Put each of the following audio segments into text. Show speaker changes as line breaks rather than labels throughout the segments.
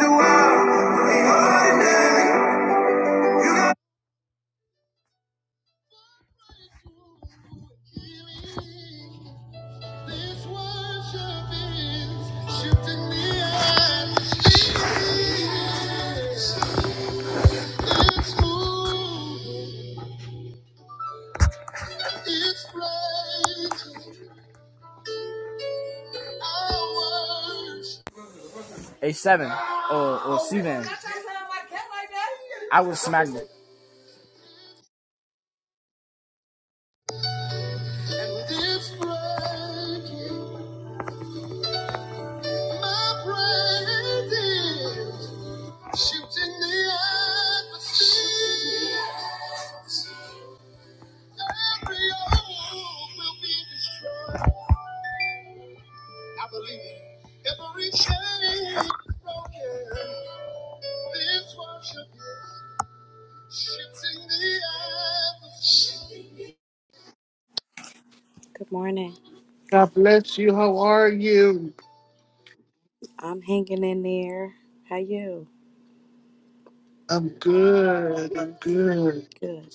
so
a seven or or C Bitch, like I would smack the
Good morning.
God bless you. How are you?
I'm hanging in there. How you?
I'm good. I'm good.
Good.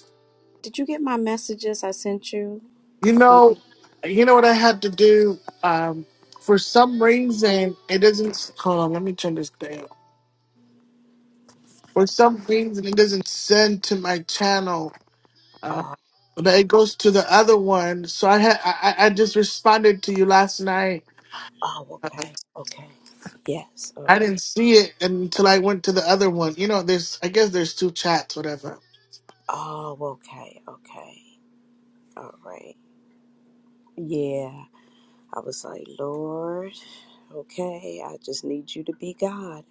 Did you get my messages I sent you
You
on?
know, you know what I had to do. Um, for some reason, it doesn't. Hold on, let me turn this down. For some reason, it doesn't send to my channel. Uh,
Oh,
but
oh,
it goes to the other one. So I had I, I I just responded to you last night
oh,
uh,
okay, okay. Yes, all
I didn't
right.
see it until I went to the other one. You know, there's I guess there's two chats, whatever.
Oh, okay, okay, all right. Yeah, I was like, Lord, okay, I just need you to be God.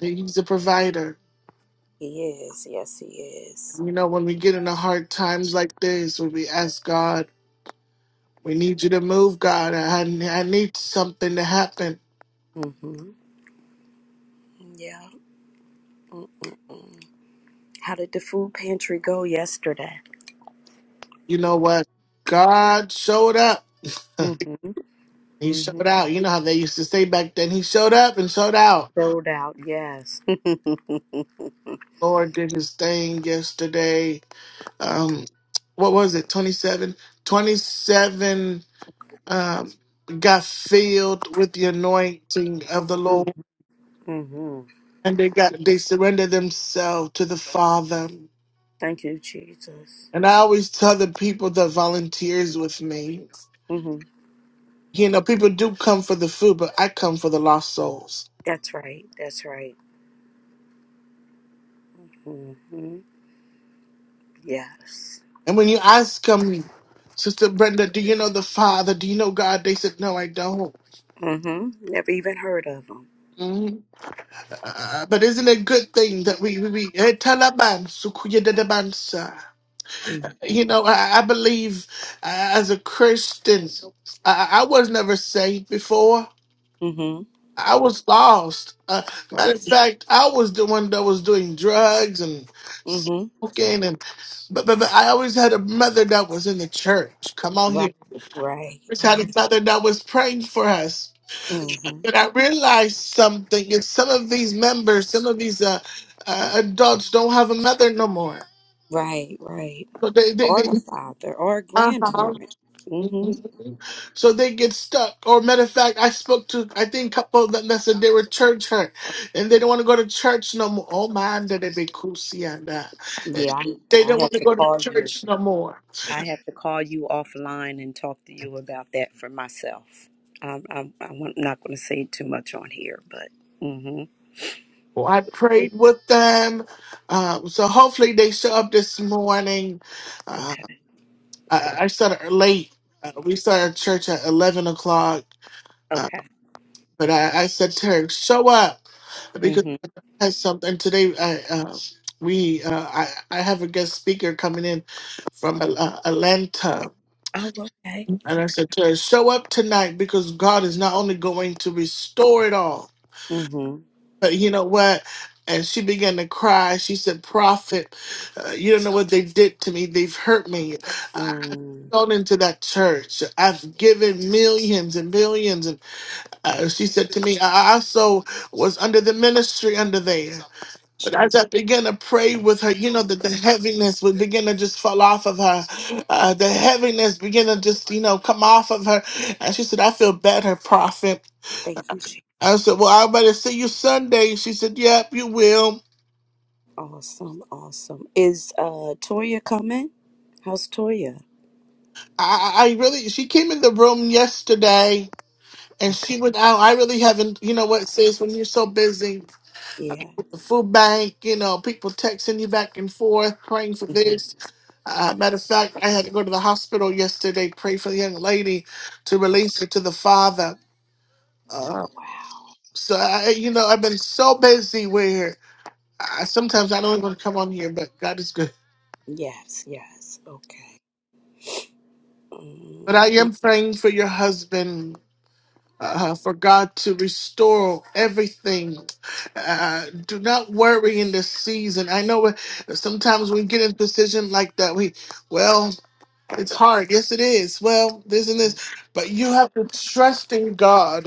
He's the provider.
He is. Yes, he is.
You know, when we get in the hard times like this, when we ask God, we need you to move, God. I I need something to happen.
Mm-hmm. Yeah. Mm-mm-mm. How did the food pantry go yesterday?
You know what? God showed up.
Mm-hmm.
he
Mm-hmm.
showed out. You know how they used to say back then. He showed up and showed out.
Sold out. Yes.
Lord did his thing yesterday. Um, what was it? 27, 27 um, got filled with the anointing of the Lord,
Mm-hmm. Mm-hmm.
and they got they surrendered themselves to the Father.
Thank you, Jesus.
And I always tell the people that volunteers with me,
hmm
you know, people do come for the food, but I come for the lost souls.
That's right. That's right. hmm Yes.
And when you ask them, Sister Brenda, do you know the Father? Do you know God? They said, No, I don't.
hmm Never even heard of them.
Mhm. Uh, but isn't it a good thing that we we, we eh, tell a man, sukuye sir. You know, I, I believe uh, as a Christian, I, I was never saved before.
Mm-hmm.
I was lost. Uh, matter
Right.
of fact, I was the one that was doing drugs and
hmm
smoking, and but, but but I always had a mother that was in the church. Come on
Right.
here, I
Right.
always had a
Right.
mother that was praying for us.
hmm
But I realized something: is some of these members, some of these uh, uh, adults, don't have a mother no more.
Right. Right.
So they they,
Or
they
a father or a
uh-huh.
grandparent. hmm
so they get stuck. Or matter of fact, I spoke to I think a couple that lesson they were church hurt and they don't want to go to church no more. Oh man, did they be coosy and that.
Yeah, I,
They
I
don't
have
want to
to
go to
call you.
church no more.
I have to call you offline and talk to you about that for myself. I'm, I'm, I'm not going to say too much on here, but. mm-hmm.
Well, I prayed with them, um, so hopefully they show up this morning. Uh,
Okay.
I, I started late. Uh, we started church at eleven o'clock, uh,
Okay.
but I, I said to her, "Show up."
Mm-hmm.
has something and today. I, uh, we uh, I I have a guest speaker coming in from Al- uh, Atlanta,
Oh, okay.
and I
Okay.
said to her, "Show up tonight because God is not only going to restore it all,
Mm-hmm.
but you know what." And she began to cry. She said, "Prophet, uh, you don't know what they did to me. They've hurt me. I
Mm.
gone into that church. I've given millions and millions." And uh, she said to me, "I I also was under the ministry under there." But as
Jesus.
I began to pray with her, you know, that the heaviness would begin to just fall off of her. Uh, the heaviness began to just, you know, come off of her. And she said, I feel better, prophet.
Thank you, Jesus.
I said, Well, I better see you Sunday. She said, Yep, you will.
Awesome. Awesome. Is uh Toya coming? How's Toya?
I, I I really, she came in the room yesterday and
Okay.
she went out. I really haven't, you know what, sis, when you're so busy.
Yeah.
food bank, you know, people texting you back and forth, praying for
Mm-hmm.
this. Uh, matter of fact, I had to go to the hospital yesterday, pray for the young lady to
Okay.
release her to the father.
Oh
Uh,
wow.
so, I, you know, I've been so busy where I, sometimes I don't even come on here, but God is good.
Yes, yes. Okay.
But
Mm-hmm.
I am praying for your husband, uh, for God to restore everything. Uh, do not worry in this season. I know uh, sometimes we get in position like that. We, well, It's hard. Yes, it is. Well, this and this, but you have to trust in God.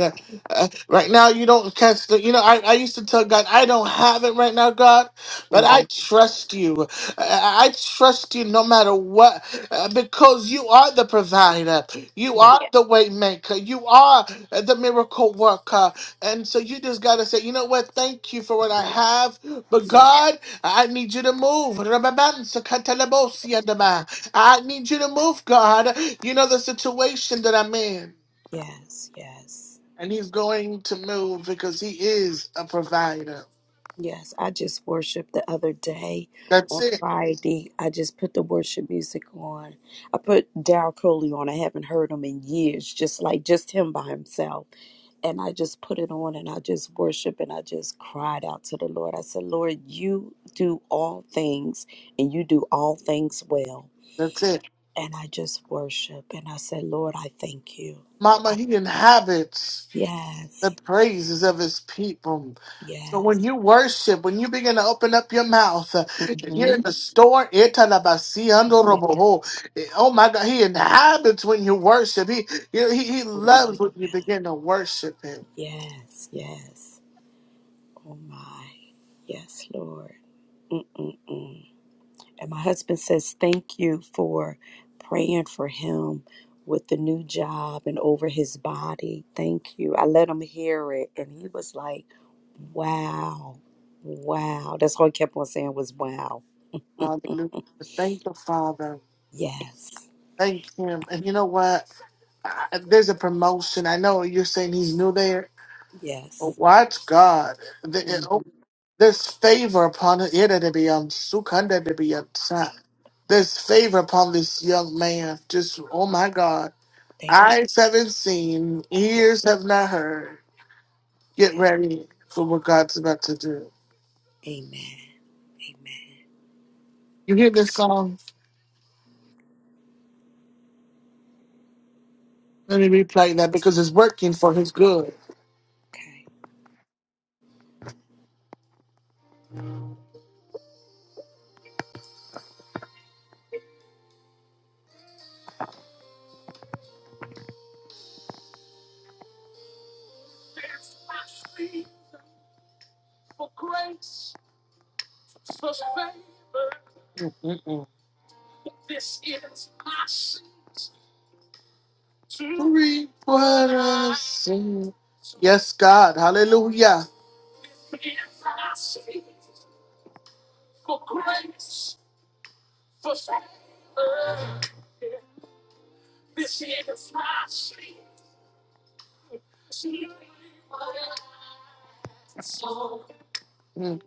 Uh, right now, you don't catch the. You know, I, I used to tell God, I don't have it right now, God, but I
mm-hmm.
trust you. I, I trust you no matter what, uh, because you are the provider. You
Yeah.
are Yeah. the way maker. You are the miracle worker. And so you just got to say, you know what? Thank you for what I have, but
Yeah.
God, I need you to move. I need you to move, God. You know the situation that I'm in.
Yes. Yes.
And he's going to move because he is a provider.
Yes, I just worshiped the other day
That's
on
it.
Friday. I just put the worship music on. I put Daryl Coley on. I haven't heard him in years, just like just him by himself. And I just put it on and I just worship and I just cried out to the Lord. I said, Lord, you do all things and you do all things well.
That's it.
And I just worship and I said, Lord, I thank you.
Mama,
I,
he inhabits the
yes,
praises of his people. So when
yes.
you worship, when you begin to open up your mouth, uh, and you're in
Mm-hmm.
the store, italabasi ando
Yeah,
Eh, oh my God, he inhabits when you worship. He, he, he he loves
hallelujah.
when you begin to worship him.
Yes, yes. Oh my. Yes, Lord. Mm-mm-mm. And my husband says, Thank you for praying for him with the new job and over his body. Thank you. I let him hear it. And he was like, Wow. Wow. That's all he kept on saying was, Wow.
Hallelujah. Thank the Father.
Yes.
Thank him. And you know what? I- There's a promotion. I know you're saying he's new there, but
Yes.
watch God. The- it-
hmm
oh, There's favor upon it to be on Sukunda to be on top. There's favor upon this young man. Just oh my God.
Thank you.
Eyes haven't seen,
Yeah.
ears have not heard. Get
yeah.
ready for what God's about to do.
Amen. Amen.
You hear this song? Let me replay that because it's working for his good.
Okay.
Reap what I sow. Yes, God. Hallelujah. Mm.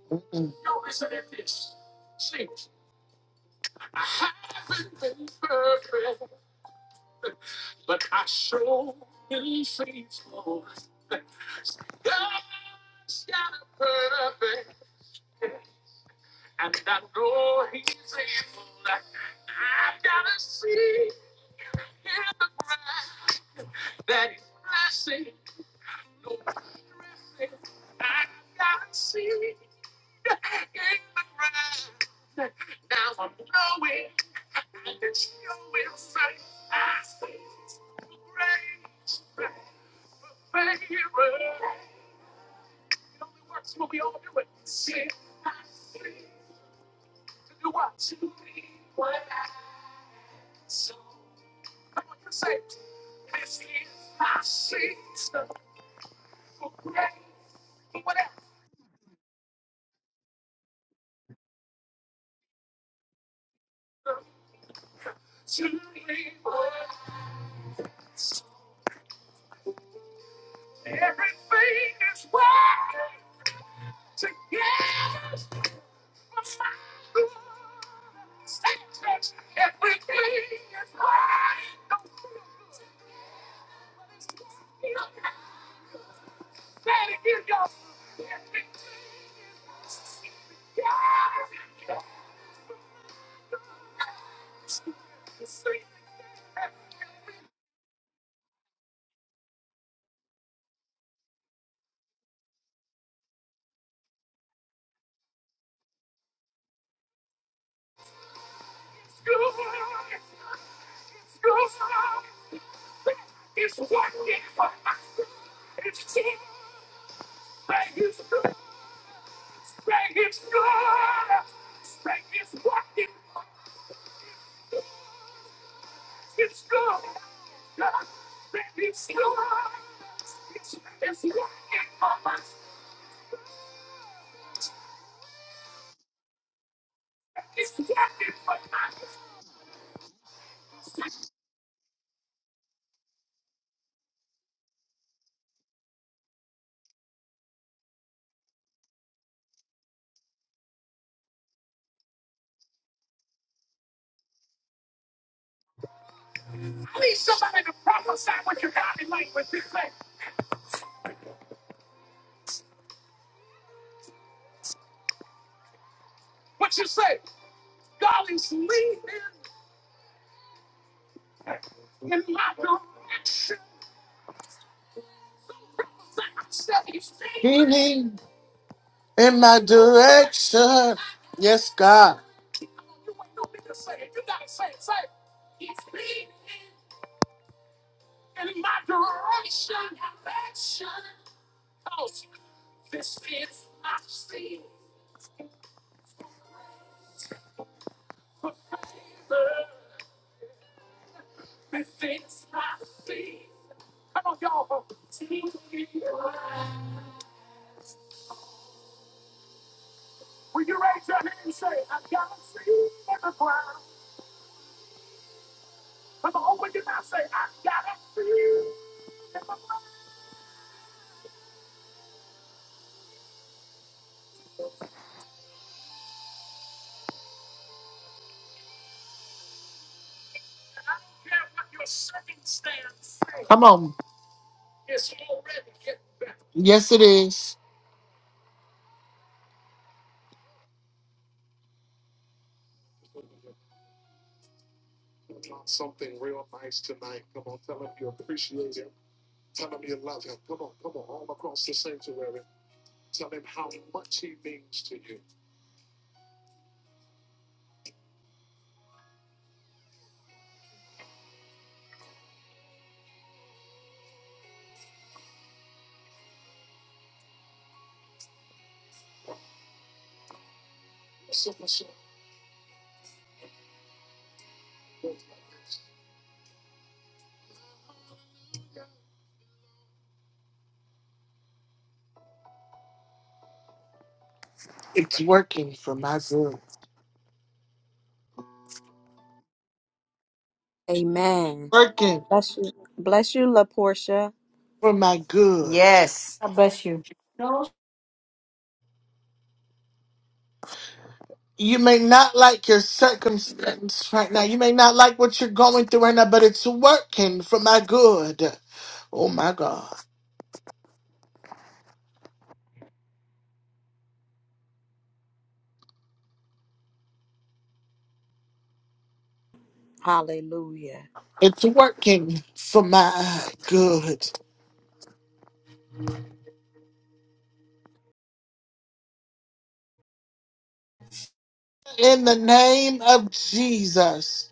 Leaning in my direction. Yes, God. Come on. Yes, it is. It's working for my good.
Amen.
Working
Bless you. Bless you, La Portia.
for my good.
Yes. God bless you. No.
You may not like your circumstance right now. You may not like what you're going through right now, but it's working for my good. Oh my God.
Hallelujah.
It's working for my good. in the name of Jesus.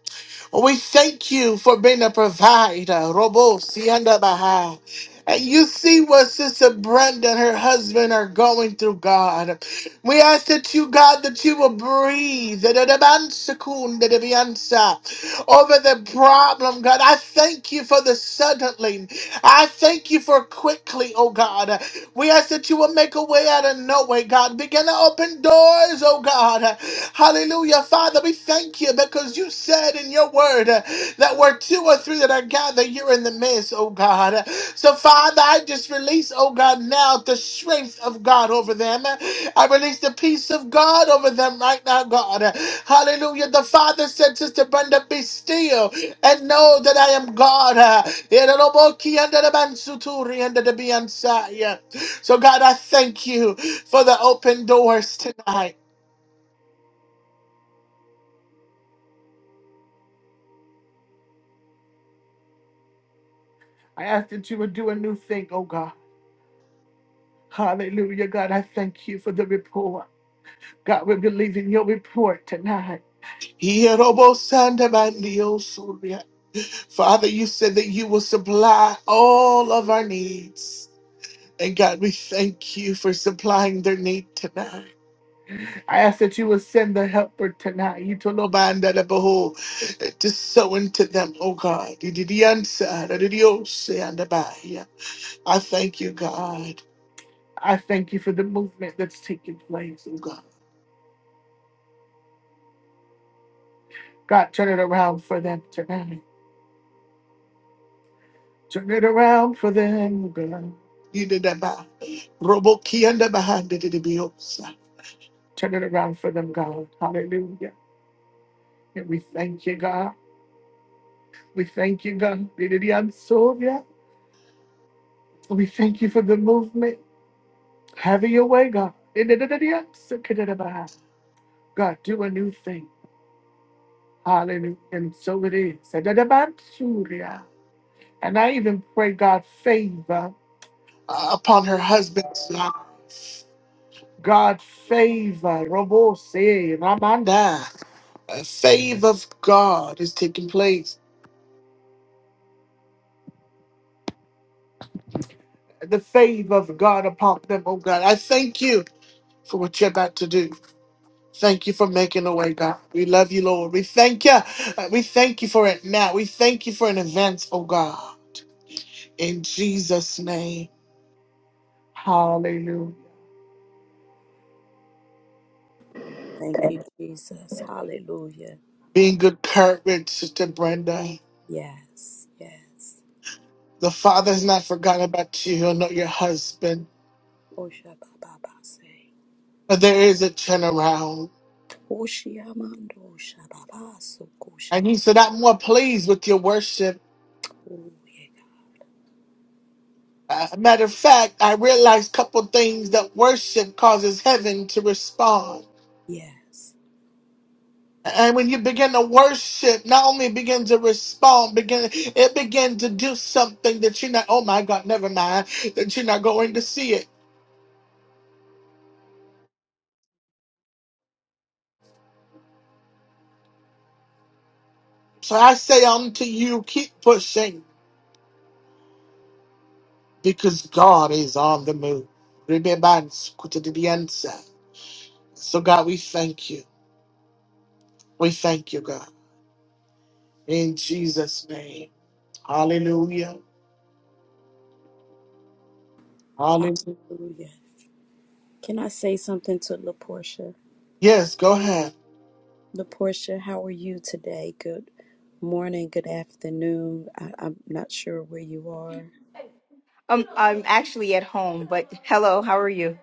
We thank you for being a provider. Robo Sianda Baha. And you see what Sister Brenda and her husband are going through, God. We ask that you, God, that you will breathe da- da- da- ban- sekun, da- over the problem, God. I thank you for the suddenly. I thank you for quickly, oh God. We ask that you will make a way out of no way, God. Begin to open doors, oh God. Hallelujah. Father, we thank you because you said in your word uh, that where two or three that are gathered, you're in the midst, oh God. So, Father, I just release, oh God, now the strength of God over them. I release the peace of God over them right now, God. Hallelujah. The Father said, Sister Brenda, be still and know that I am God. So, God, I thank you for the open doors tonight. I ask that you would do a new thing, oh God. Hallelujah, God. I thank you for the report. God, we believe in your report tonight. Hierobosandabandiosuria. Father, you said that you will supply all of our needs. And God, we thank you for supplying their need tonight. I ask that you would send the helper tonight. You told Obanda the behold to sow into them, oh God. You did the answer, that did the also, and the by. Yeah. I thank you, God. I thank you for the movement that's taking place, oh God. God, turn it around for them tonight. You did that by. Roboki and the behind it did be also. And and so it is. And that about Surya. And I even pray, God, favor uh, upon her husband. God favor, Robo say, Ramanda. A favor of God is taking place. The favor of God upon them, oh God. I thank you for what you're about to do. Thank you for making a way, God. We love you, Lord. We thank you. Uh, We thank you for it now. We thank you for an advance, oh God. In Jesus' name. Hallelujah.
Thank you, Jesus. Hallelujah.
Be in good courage, Sister Brenda.
Yes, yes.
The Father's not forgotten about you. He'll know your husband.
Osha baba base.
But there is a turnaround.
Oshi amando osha baba
And he
sokoshe.
said, I'm more pleased with your worship.
Oh, yeah.
Uh, matter of fact, I realized a couple things that worship causes heaven to respond.
Yes.
And when you begin to worship, not only begin to respond, begin it begin to do something that you're not, oh my God, never mind, that you're not going to see it. So I say unto you, keep pushing because God is on the move. Remember, So God, we thank you. We thank you, God. In Jesus' name. Hallelujah. Hallelujah.
Hallelujah. Can I say something to LaPortia?
Yes, go ahead.
LaPortia, how are you today? Good morning, good afternoon. I, I'm not sure where you are.
Um, I'm you.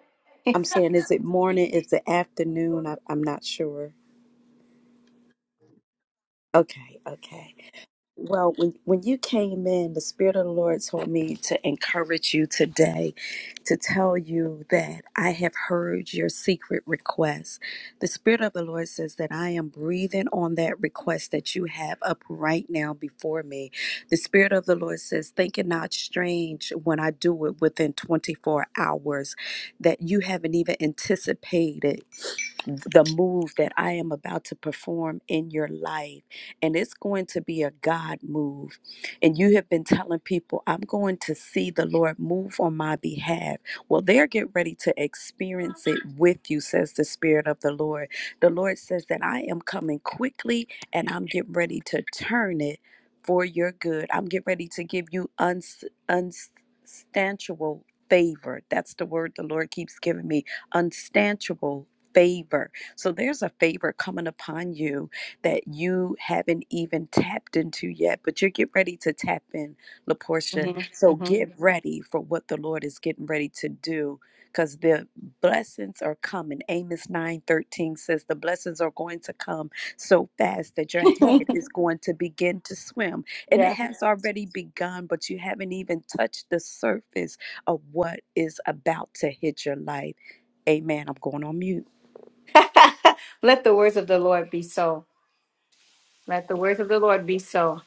I'm saying, is it morning? Is it afternoon? I, I'm not sure. Okay, okay. Well, when, when you came in, the Spirit of the Lord told me to encourage you today to tell you that I have heard your secret request. The Spirit of the Lord says that I am breathing on that request that you have up right now before me. The Spirit of the Lord says, Think it not strange when I do it within 24 hours that you haven't even anticipated the move that I am about to perform in your life. And it's going to be a God move. And you have been telling people, I'm going to see the Lord move on my behalf. Well, they're getting ready to experience it with you, says the Spirit of the Lord. The Lord says that I am coming quickly and I'm getting ready to turn it for your good. I'm getting ready to give you uns- unstanchable favor. That's the word the Lord keeps giving me unstanchable favor. So there's a favor coming upon you that you haven't even tapped into yet, but you're getting ready to tap in, LaPortia.
hmm
So
hmm
get ready for what the Lord is getting ready to do because the blessings are coming. Amos nine thirteen says the blessings are going to come so fast that your head is going to begin to swim. And it
Yeah.
has already begun, but you haven't even touched the surface of what is about to hit your life. Amen. I'm going on mute.
Let the words of the Lord be so. Let the words of the Lord be so.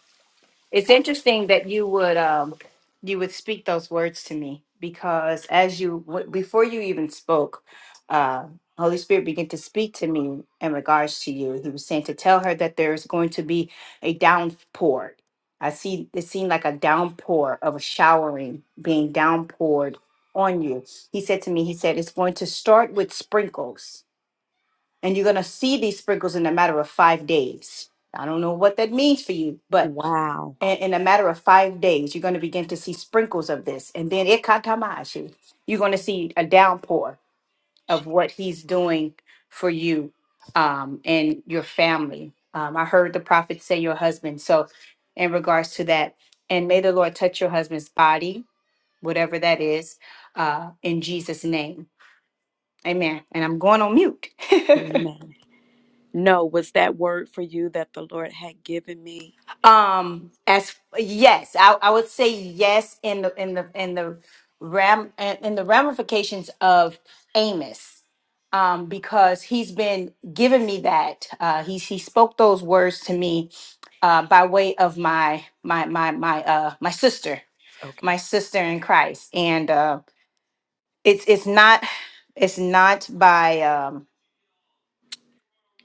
It's interesting that you would um you would speak those words to me because as you w- before you even spoke, uh, Holy Spirit began to speak to me in regards to you. He was saying to tell her that there's going to be a downpour. I see it seemed like a downpour of a showering being downpoured on you. He said to me, he said it's going to start with sprinkles, and you're gonna see these sprinkles in a matter of five days. I don't know what that means for you, but
Wow.
and in a matter of five days, you're going to begin to see sprinkles of this. And then ikatamashi, you're going to see a downpour of
She-
what he's doing for you um, and your family. Um, I heard the prophet say your husband. So, in regards to that, and may the Lord touch your husband's body, whatever that is, uh, in Jesus' name. Amen. And I'm going on mute.
Amen. No, was that word for you that the Lord had given me?
Um, as yes, I, I would say yes in the in the in the ram in the ramifications of Amos, um, because he's been giving me that. Uh, he he spoke those words to me uh, by way of my my my my uh my sister,
Okay.
my sister in Christ, and uh, it's it's not it's not by um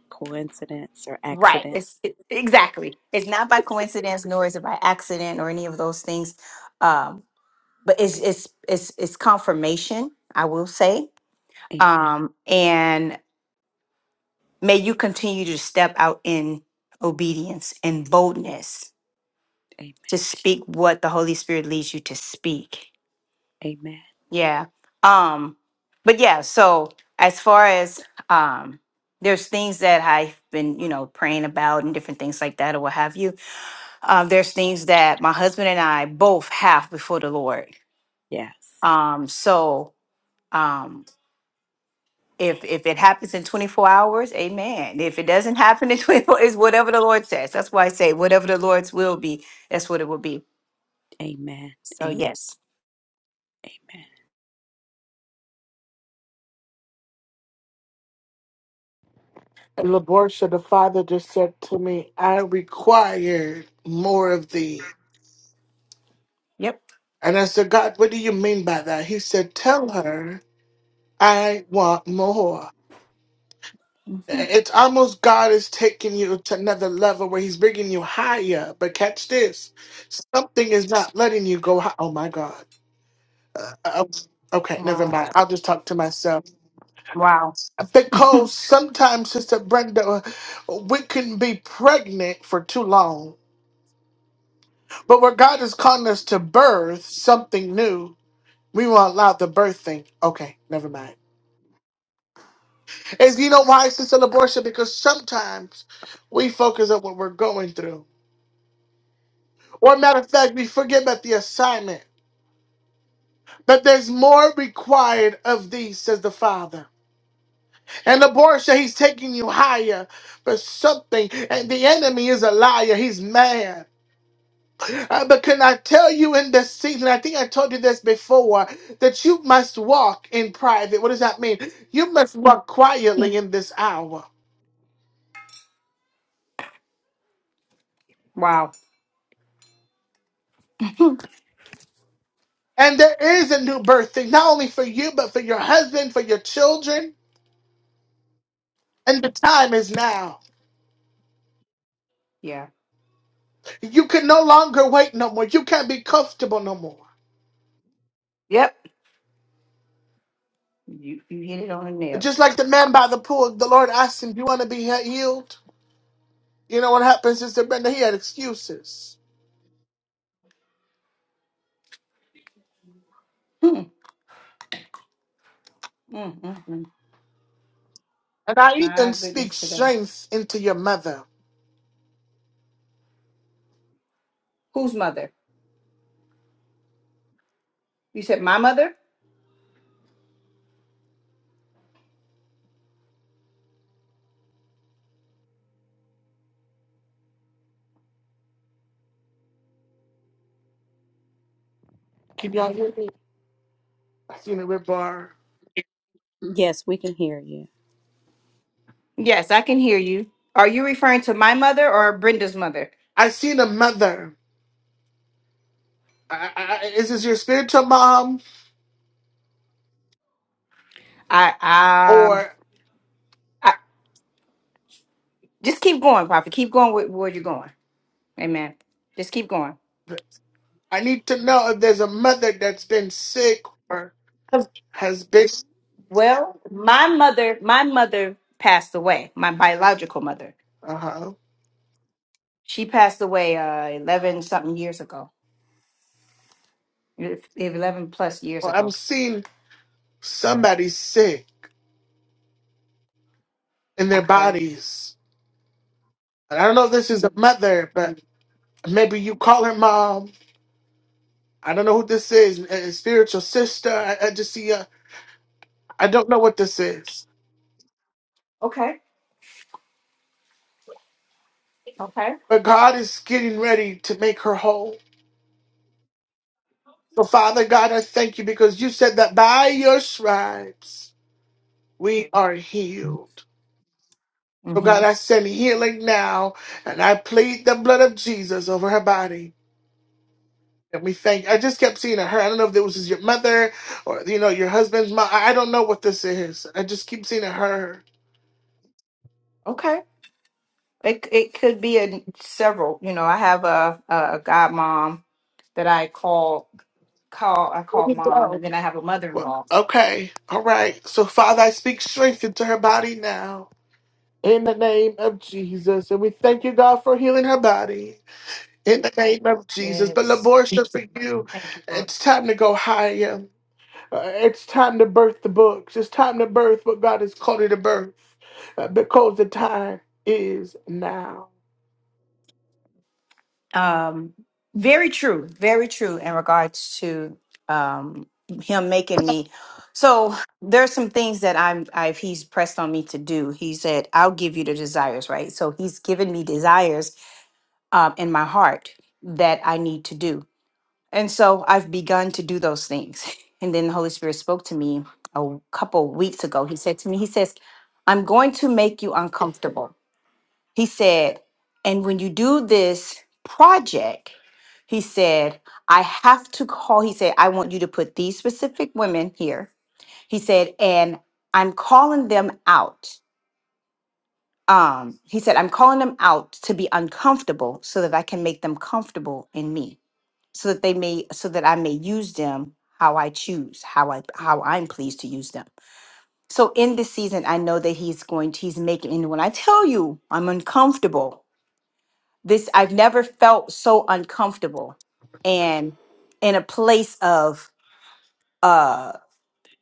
Coincidence or
right
accident?
it's it, exactly it's not by coincidence nor is it by accident or any of those things Um, but it's it's it's it's confirmation i will say
Amen.
um and may you continue to step out in obedience and boldness
Amen.
to speak what the holy spirit leads you to speak
Amen.
yeah um but yeah so as far as um there's things that i've been you know praying about and different things like that or what have you um there's things that my husband and i both have before the lord
Yes.
um so um. If if it happens in 24 hours, amen. If it doesn't happen in 24, it's whatever the Lord says. That's why I say whatever the Lord's will be, that's what it will be.
Amen.
So
Amen.
yes.
Amen.
And Laborsha, the father just said to me, I require more of thee.
Yep.
And I said, God, what do you mean by that? He said, Tell her I want more.
Mhm.
It's almost God is taking you to another level where He's bringing you higher. But catch this something is not letting you go high. Oh my God. Uh, okay, never
Wow.
mind. I'll just talk to myself.
Wow.
Because sometimes, Sister Brenda, we can be pregnant for too long. But where God is calling us to birth something new, we won't allow the birth thing. Okay, never mind. Is you know why, Sister Laborcia? Because sometimes we focus on what we're going through. Or matter of fact, we forget about the assignment. But there's more required of thee, says the Father. And Laborcia, he's taking you higher for something. And the enemy is a liar. He's mad. Uh, but can I tell you in this season? I think I told you this before that you must walk in private. What does that mean? You must walk quietly in this hour.
Wow.
And there is a new birth thing, not only for you, but for your husband, for your children. And the time is now.
Yeah.
You can no longer wait no more. You can't be comfortable no more.
Yep. You you hit it on the nail.
Just like the man by the pool, the Lord asked him, Do you want to be healed? You know what happens, Sister Brenda? He had excuses.
Mm, mm, mm, mm.
And I even
My goodness
speak
today.
strength into your mother.
Whose mother? You said my mother?
Can y'all hear me? I seen a rip bar.
Yes, we can hear you.
Yes, I can hear you. Are you referring to my mother or Brenda's mother?
I seen a mother. I, I, I- is this your spiritual mom
I um
or
I just keep going, Prophet. Keep going with where you're going. Amen. Just keep going.
I need to know if there's a mother that's been sick or
'Cause-
has been.
Well, my mother, my mother passed away. My biological mother,
Uh huh.
she passed away uh, eleven something years ago, If- if eleven plus years
Well, I'm
ago.
seeing somebody sick in their
Okay,
bodies. And I don't know if this is a mother, but maybe you call her mom. I don't know who this is. A a spiritual sister. I, I just see a. I don't know what this is.
okay, okay,
But God is getting ready to make her whole. So, Father God, I thank you because you said that by your stripes we are healed. So, God,
hmm
I send healing now and I plead the blood of Jesus over her body. And we thank, I just kept seeing her. I don't know if this was your mother or, you know, your husband's mom. I I don't know what this is. I just keep seeing her.
okay. It it could be in several. You know, I have a a a godmom that I call call I call mom, and then I have a mother in
Well,
law.
okay. All right. So, Father, I speak strength into her body now in the name of Jesus. And we thank you, God, for healing her body. in the name of Jesus. But
Yes,
Laborsha, for you,
thank you, Lord.
it's time to go higher. Uh, It's time to birth the books. It's time to birth what God has called you to birth uh, because the time is now.
Um, very true, very true in regards to um, him making me. So there's some things that I'm I've he's pressed on me to do. He said, "I'll give you the desires," right? So he's given me desires um, in my heart that I need to do, and so I've begun to do those things. And then the Holy Spirit spoke to me a couple weeks ago. He said to me, "He says, I'm going to make you uncomfortable." He said, and when you do this project, he said, I have to call. He said, I want you to put these specific women here. He said, and I'm calling them out. Um, he said, I'm calling them out to be uncomfortable so that I can make them comfortable in me, so that they may, so that I may use them how I choose, how I how I'm pleased to use them. So in this season, I know that he's going to, he's making, and when I tell you I'm uncomfortable, this I've never felt so uncomfortable and in a place of uh,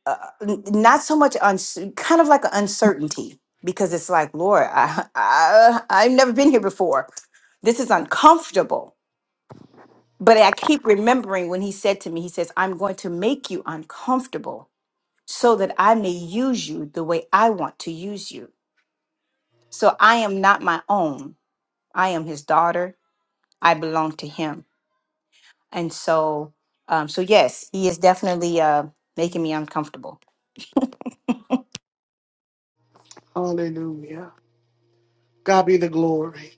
uh n- not so much uns- kind of like an uncertainty because it's like Lord I, I I've never been here before this is uncomfortable but I keep remembering when he said to me he says I'm going to make you uncomfortable so that I may use you the way I want to use you so I am not my own I am his daughter I belong to him And so, um, so yes, he is definitely uh, making me uncomfortable.
Hallelujah. God be the glory.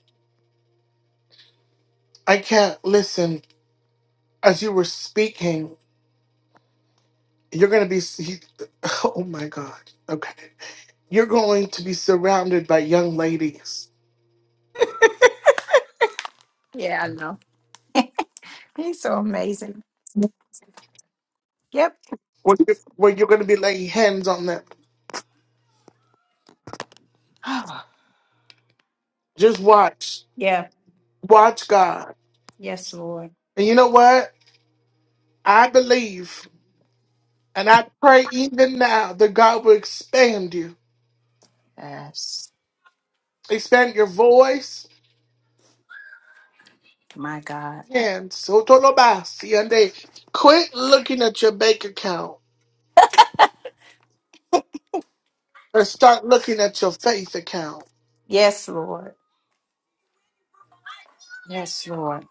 I can't listen as you were speaking. You're going to be, he- oh my God. Okay. You're going to be surrounded by young ladies
Yeah, I know. He's so amazing. Yep.
where you where you're going to be laying hands on them. Just watch.
yeah.
Watch God.
Yes, Lord.
And you know what? I believe and I pray even now that God will expand you,
Yes.
expand your voice.
My God.
And so tolobasi, and they quit looking at your bank account and start looking at your faith account.
Yes, Lord. Yes, Lord.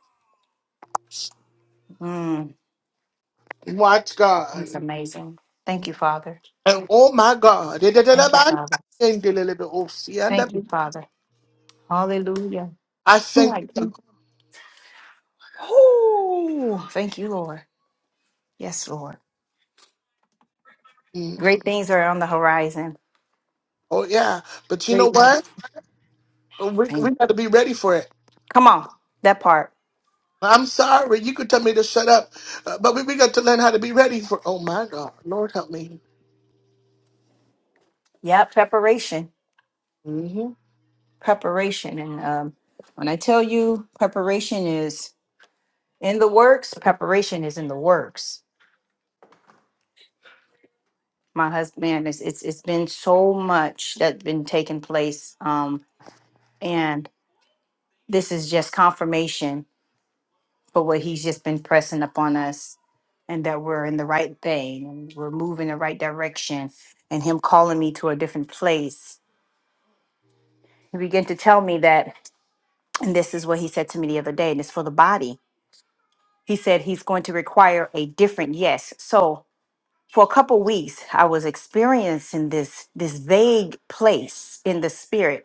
Mm,
Watch
he's
God.
amazing. Thank you, Father.
And oh my God.
Thank you, Father.
I
Thank you, Father. Hallelujah.
thank
Like,
you.
Ooh, thank you, Lord. Yes, Lord.
Mm.
Great things are on the horizon.
Oh yeah. But you
Great.
know
things.
what? We, we
Thank-
got to be ready for it.
Come on, that part.
I'm sorry. You could tell me to shut up, uh, but we, we got to learn how to be ready for. Oh my God, Lord help me.
Yep, preparation.
hmm
preparation. And um, when I tell you preparation is in the works, preparation is in the works. My husband, man, it's it's, it's been so much that's been taking place, um, and this is just confirmation for what he's just been pressing upon us, and that we're in the right thing, and we're moving the right direction, and him calling me to a different place. He began to tell me that, and this is what he said to me the other day, and it's for the body he said he's going to require a different yes so for a couple weeks i was experiencing this this vague place in the spirit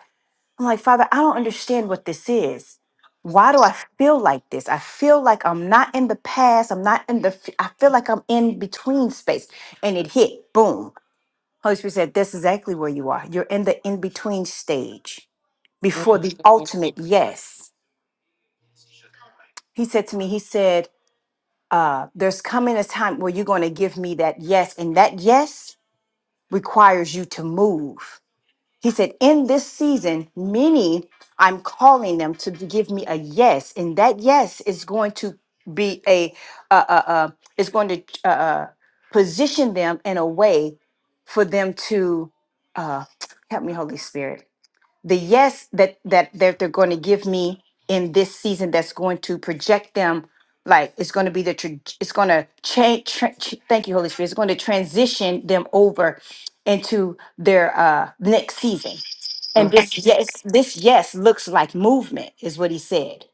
i'm like father i don't understand what this is why do i feel like this i feel like i'm not in the past i'm not in the f- i feel like i'm in between space and it hit boom holy spirit said that's exactly where you are you're in the in between stage before the ultimate yes he said to me he said uh, there's coming a time where you're going to give me that yes, and that yes requires you to move. He said, In this season, many I'm calling them to give me a yes, and that yes is going to be a, uh, uh, uh, is going to uh, uh, position them in a way for them to, uh, help me, Holy Spirit the yes that that that they're going to give me in this season that's going to project them like it's going to be the tra- it's going to change tra- ch- thank you holy spirit it's going to transition them over into their uh next season and this yes this yes looks like movement is what he said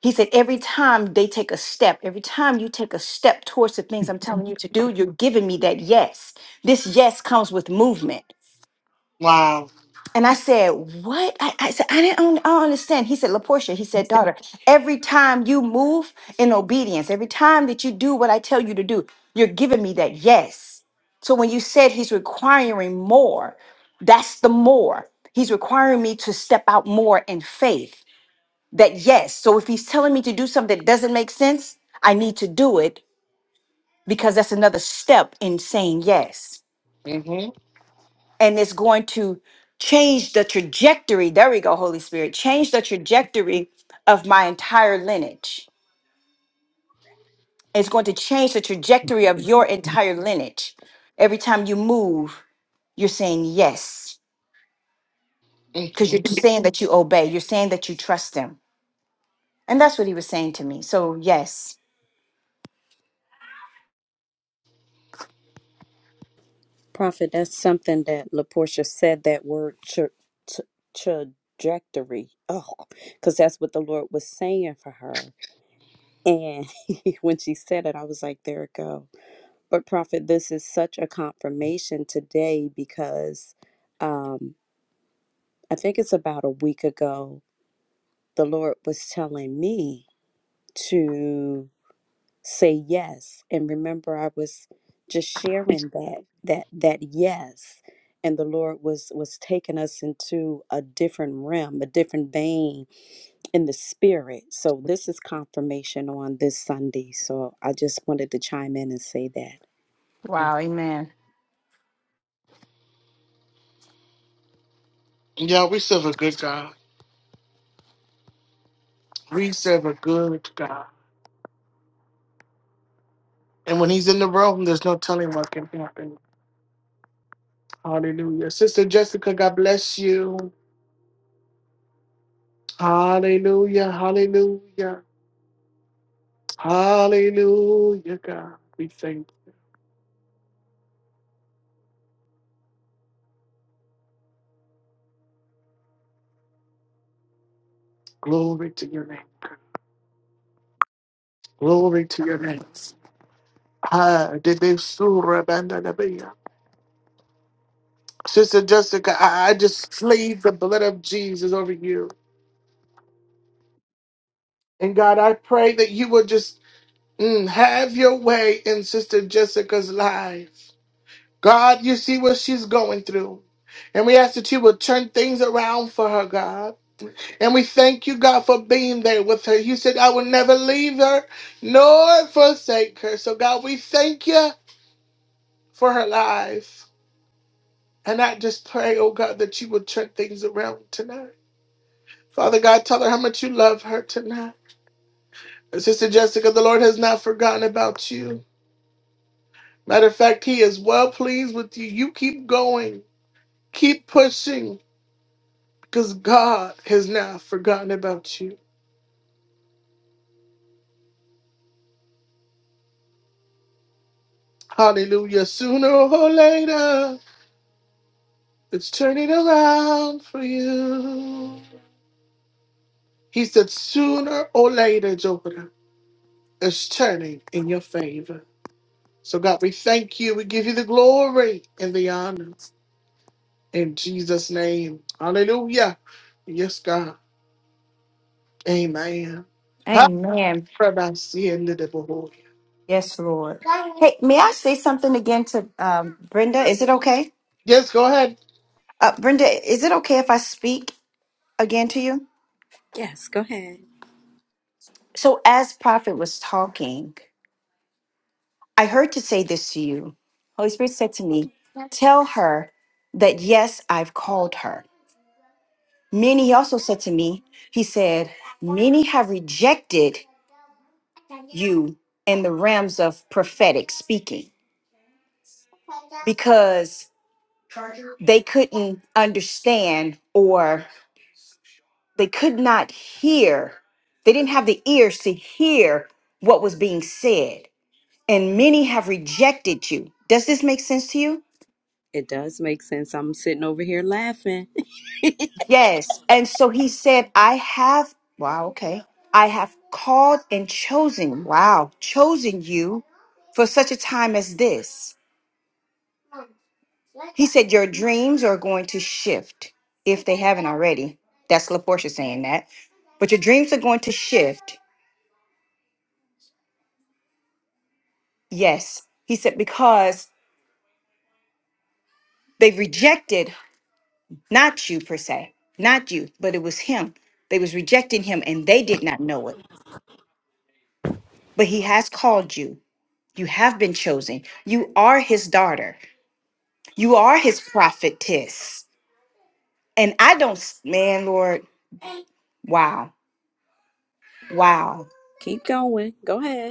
he said every time they take a step every time you take a step towards the things i'm telling you to do you're giving me that yes this yes comes with movement
wow.
and I said, "What?" I, I said, "I didn't. I don't, I don't understand." He said, "Laportia," he said, "Daughter, every time you move in obedience, every time that you do what I tell you to do, you're giving me that yes." So when you said he's requiring more, that's the more. He's requiring me to step out more in faith. That yes. So if he's telling me to do something that doesn't make sense, I need to do it because that's another step in saying yes and it's going to change the trajectory. There we go, Holy Spirit. Change the trajectory of my entire lineage. It's going to change the trajectory of your entire lineage. Every time you move, you're saying yes because you're saying that you obey. You're saying that you trust him. And that's what he was saying to me. So, yes.
Prophet, that's something that LaPortia said that word tra- t- trajectory. Oh, because that's what the Lord was saying for her. And when she said it, I was like, there it goes. But, Prophet, this is such a confirmation today because um, I think it's about a week ago, the Lord was telling me to say yes. And remember, I was just sharing that, that, that yes. And the Lord was was taking us into a different realm, a different vein in the spirit. So this is confirmation on this Sunday. So I just wanted to chime in and say that.
Wow. Amen.
Yeah, we serve a good God. We serve a good God. And when He's in the room, there's no telling what can happen. Hallelujah. Sister Jessica, God bless you. Hallelujah. Hallelujah. Hallelujah, God. We thank glory to your name. Glory to your name. Ah, de- de- surah, banda, da- bia. Sister Jessica, I, I just plead the blood of Jesus over you. And God, I pray that you will just mm, have your way in Sister Jessica's life. God, you see what she's going through. And we ask that you will turn things around for her, God. And we thank you, God, for being there with her. You said, I will never leave her nor forsake her. So, God, we thank you for her life. And I just pray, oh God, that you will turn things around tonight. Father God, tell her how much you love her tonight. And Sister Jessica, the Lord has not forgotten about you. Matter of fact, He is well pleased with you. You keep going, keep pushing, because God has not forgotten about you. Hallelujah. Sooner or later, it's turning around for you. He said, sooner or later, Jupiter, it's turning in your favor. So, God, we thank you. We give you the glory and the honor. In Jesus' name. Hallelujah. Yes, God. Amen. Ha,
Amen.
Rabbi, see you in the devil.
Yes, Lord. Hey, may I say something again to um, Brenda? Is it okay?
Yes, go ahead.
Uh, Brenda, is it okay if I speak again to you?
Yes, go ahead.
So as Prophet was talking, I heard to say this to you. Holy Spirit said to me, Tell her that yes, I've called her. Many, he also said to me, He said, Many have rejected you in the realms of prophetic speaking because they couldn't understand or they could not hear. They didn't have the ears to hear what was being said. And many have rejected you. Does this make sense to you?
It does make sense. I'm sitting over here laughing.
Yes. And so he said, I have, wow, okay. I have called and chosen, wow, chosen you for such a time as this. He said, Your dreams are going to shift if they haven't already. That's LaPortia saying that. But your dreams are going to shift. Yes. He said, Because they rejected not you per se, not you, but it was him. They was rejecting him and they did not know it. But he has called you You have been chosen. You are his daughter. You are his prophetess. And I don't, s- man, Lord, wow, wow.
Keep going. Go ahead.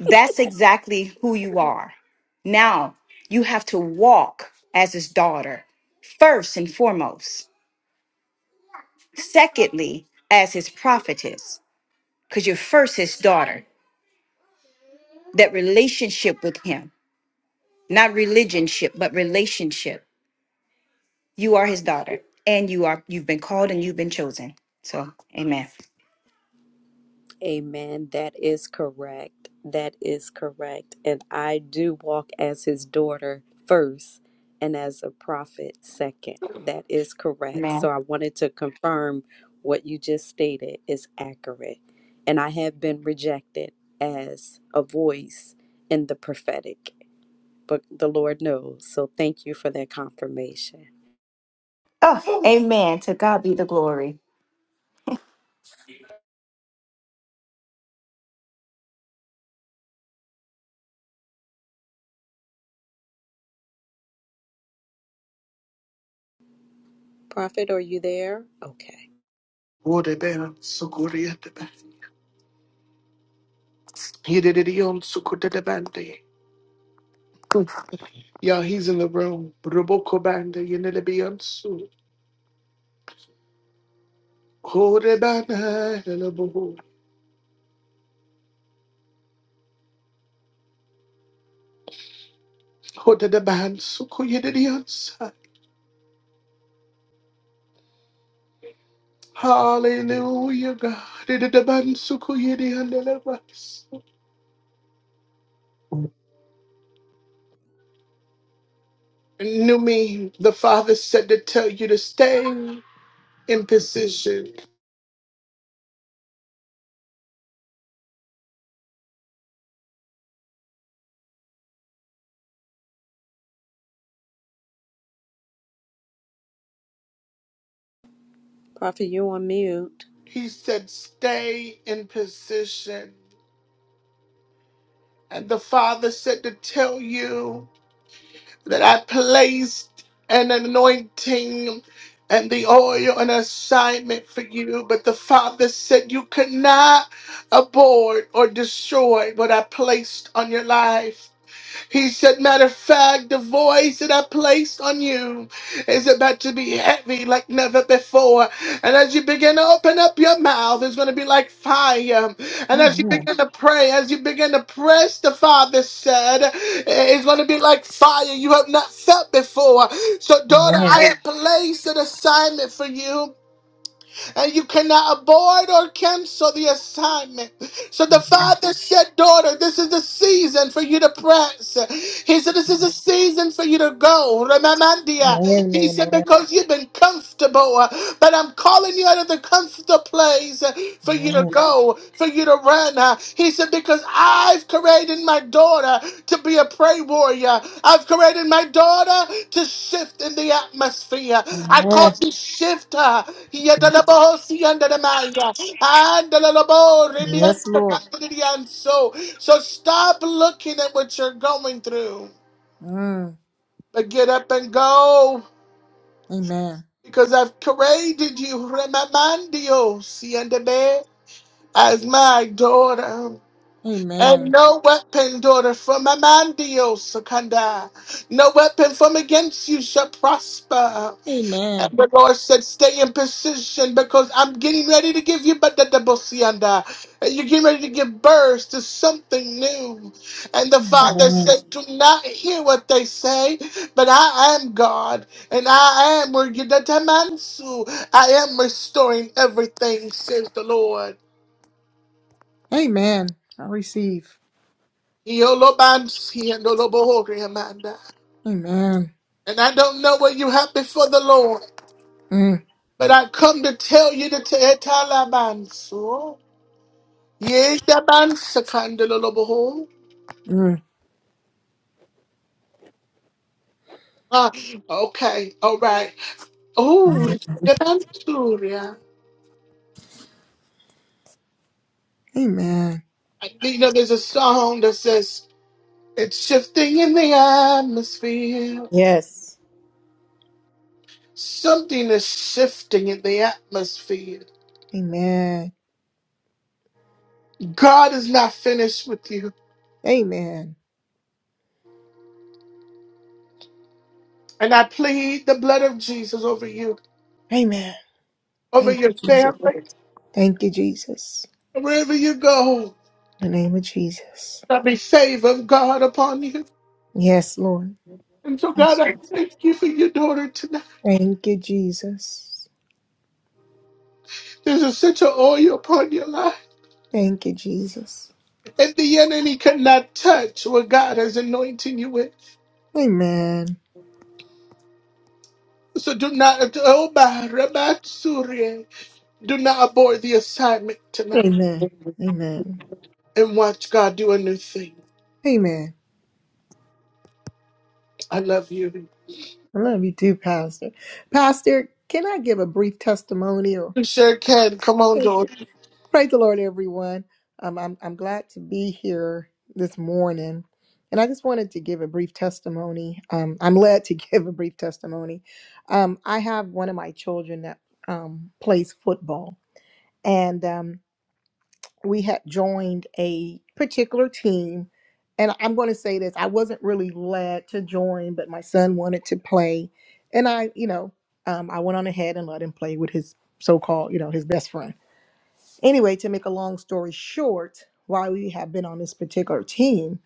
That's exactly who you are. Now you have to walk as his daughter, first and foremost. Secondly, as his prophetess, because you're first his daughter. That relationship with him, not religionship, but relationship. You are his daughter, and you are you've been called and you've been chosen. So, amen.
Amen. That is correct. That is correct. And I do walk as his daughter first and as a prophet second. That is correct. So
Amen.
I wanted to confirm what you just stated is accurate. And I have been rejected as a voice in the prophetic, but the Lord knows. So thank you for that confirmation.
Oh, amen. To God be the glory.
Prophet, are you there? Okay.
Ode ben, sukuri at the back. He did it on sukuta de bande. Yeah, he's in the room. Roboko bande, you need to be on su. Ode bana, eleboho. Ode the band suku yedidi on sa. Hallelujah, God. Ode the band suku yedi on the levas. Knew me, the thing, and
Prophet, you on mute.
he stayed. position. And the Father said to tell you that I placed an anointing and the oil, an assignment for you. But the Father said you could not abort or destroy what I placed on your life. He said, Matter of fact, the voice that I placed on you is about to be heavy like never before. And as you begin to open up your mouth, it's going to be like fire. And as you
Amen.
begin to pray, as you begin to press, the Father said, It's going to be like fire you have not felt before. So, daughter,
Amen.
I have placed an assignment for you and you cannot abort or cancel the assignment. So the
Amen.
father said, Daughter, this is the season for you to press. He said, This is a season for you to go. Remamandia.
Amen.
He said,
Amen.
Because you've been comfortable, uh, but I'm calling you out of the comfortable place uh, for you to
Amen.
go, for you to run. Uh, He he said, Because I've created my daughter to be a prey warrior. I've created my daughter to shift in the atmosphere. I call
Amen.
you shift her.
Yes, Lord.
So, so stop looking at what you're going through,
Mm.
but get up and go.
Amen.
Because I've created you, Remamandio, Siandebe, as my daughter. And
Amen.
no weapon, daughter, from Amandio Secunda, no weapon from against you shall prosper. And
Amen.
the Lord said, Stay in position because I'm getting ready to give you but the double sianda. And You're getting ready to give birth to something new. And the Father
Amen.
said, Do not hear what they say, but I am God, and I am where you that I'm Ansu. I am restoring everything, says the Lord.
Amen. I receive.
Yolobansi and Olobohori, Amanda.
Amen.
And I don't know what you have before the Lord,
Mm.
but I come to tell you to tell Talabanso. Yes, the Tabansakandeloloboho.
Mm.
Ah, okay, all right. Oh, the
Mm.
Tabansuria.
Amen.
You know, there's a song that says, It's shifting in the atmosphere.
Yes.
Something is shifting in the atmosphere.
Amen.
God is not finished with you.
Amen.
And I plead the blood of Jesus over you,
Amen.
over
Thank
your
you, Jesus.
family,
Thank you, Jesus.
wherever you go.
In the name of Jesus.
Let me save of God upon you.
Yes, Lord.
And so, God,
Yes.
I thank you for your daughter tonight.
Thank you, Jesus.
There's essential oil upon your life.
Thank you, Jesus.
And the enemy cannot touch what God has anointed you with.
Amen.
So do not, oh, my, Rabat Surya, do not abort the assignment tonight.
Amen. Amen.
And watch God do a new thing.
Amen.
I love you.
I love you too, Pastor. Pastor, can I give a brief testimonial?
You sure can. Come on,
Thank you.
daughter.
Praise the Lord, everyone. Um, I'm, I'm glad to be here this morning. And I just wanted to give a brief testimony. Um, I'm led to give a brief testimony. Um, I have one of my children that um, plays football. and um, we had joined a particular team. And I'm going to say this I wasn't really led to join, but my son wanted to play. And I, you know, um, I went on ahead and let him play with his so called, you know, his best friend. Anyway, to make a long story short, while we have been on this particular team,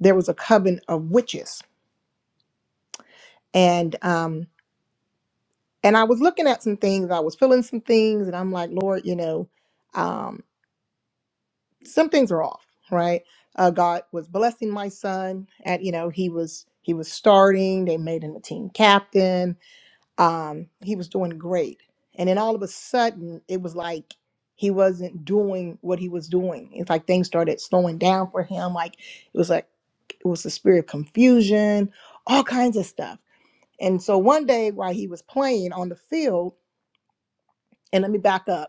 there was a coven of witches. And, um, and I was looking at some things, I was feeling some things, and I'm like, Lord, you know, um, some things are off, right? Uh, God was blessing my son at you know he was he was starting. They made him a team captain. Um, he was doing great, and then all of a sudden it was like he wasn't doing what he was doing. It's like things started slowing down for him. Like it was like it was the spirit of confusion, all kinds of stuff. And so one day while he was playing on the field, and let me back up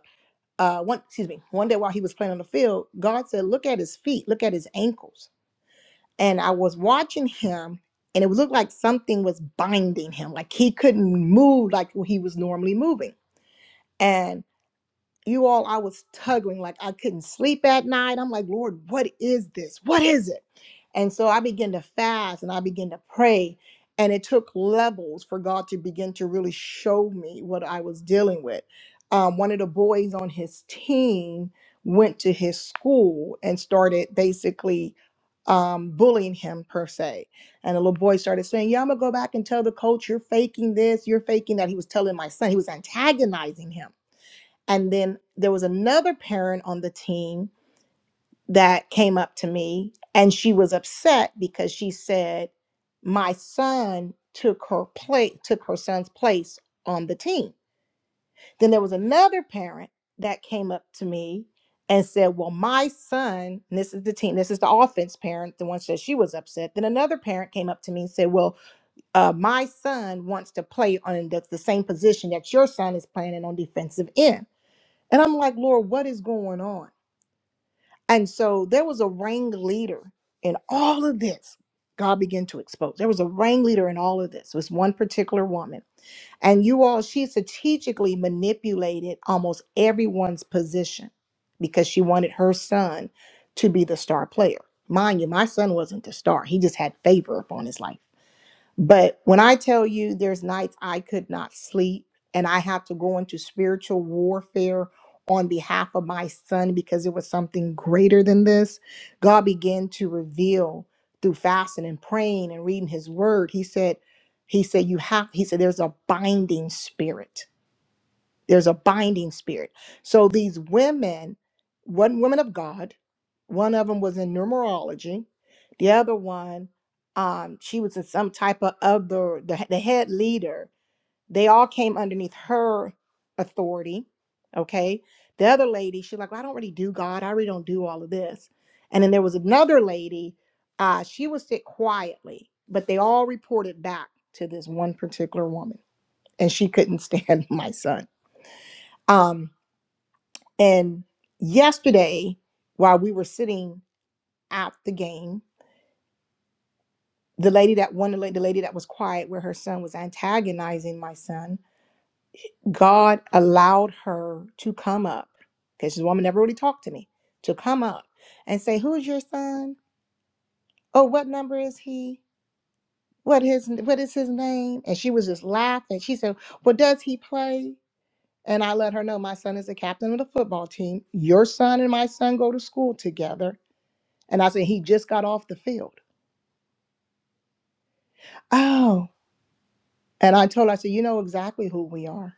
uh one excuse me one day while he was playing on the field god said look at his feet look at his ankles and i was watching him and it looked like something was binding him like he couldn't move like he was normally moving and you all, I was tugging, like I couldn't sleep at night. I'm like, Lord, what is this? What is it? And so I began to fast and I began to pray. And it took levels for God to begin to really show me what I was dealing with. Um, one of the boys on his team went to his school and started basically um, bullying him, per se. And the little boy started saying, Yeah, I'm going to go back and tell the coach, you're faking this, you're faking that. He was telling my son, he was antagonizing him. And then there was another parent on the team that came up to me and she was upset because she said my son took her place took her son's place on the team. Then there was another parent that came up to me and said, "Well, my son, and this is the team, this is the offense parent, the one said she was upset." Then another parent came up to me and said, "Well, uh, my son wants to play on the, the same position that your son is playing in on defensive end." And I'm like, Lord, what is going on? And so there was a ringleader in all of this. God began to expose. There was a ringleader in all of this. It was one particular woman. And you all, she strategically manipulated almost everyone's position because she wanted her son to be the star player. Mind you, my son wasn't the star. He just had favor upon his life. But when I tell you there's nights I could not sleep and I had to go into spiritual warfare on behalf of my son because it was something greater than this, God began to reveal through fasting and praying and reading his word. He said, He said, You have, He said, there's a binding spirit there's a binding spirit so these women one woman of god one of them was in numerology the other one um she was in some type of other the, the head leader they all came underneath her authority okay the other lady she's like well, i don't really do god i really don't do all of this and then there was another lady uh she would sit quietly but they all reported back to this one particular woman and she couldn't stand my son um and yesterday, while we were sitting at the game, the lady that one the lady that was quiet where her son was antagonizing my son, God allowed her to come up because this woman never really talked to me to come up and say, "Who's your son? Oh, what number is he? What his what is his name?" And she was just laughing. She said, "Well, does he play?" And I let her know my son is the captain of the football team. Your son and my son go to school together And I said, He just got off the field. Oh. And I told her, I said, You know exactly who we are.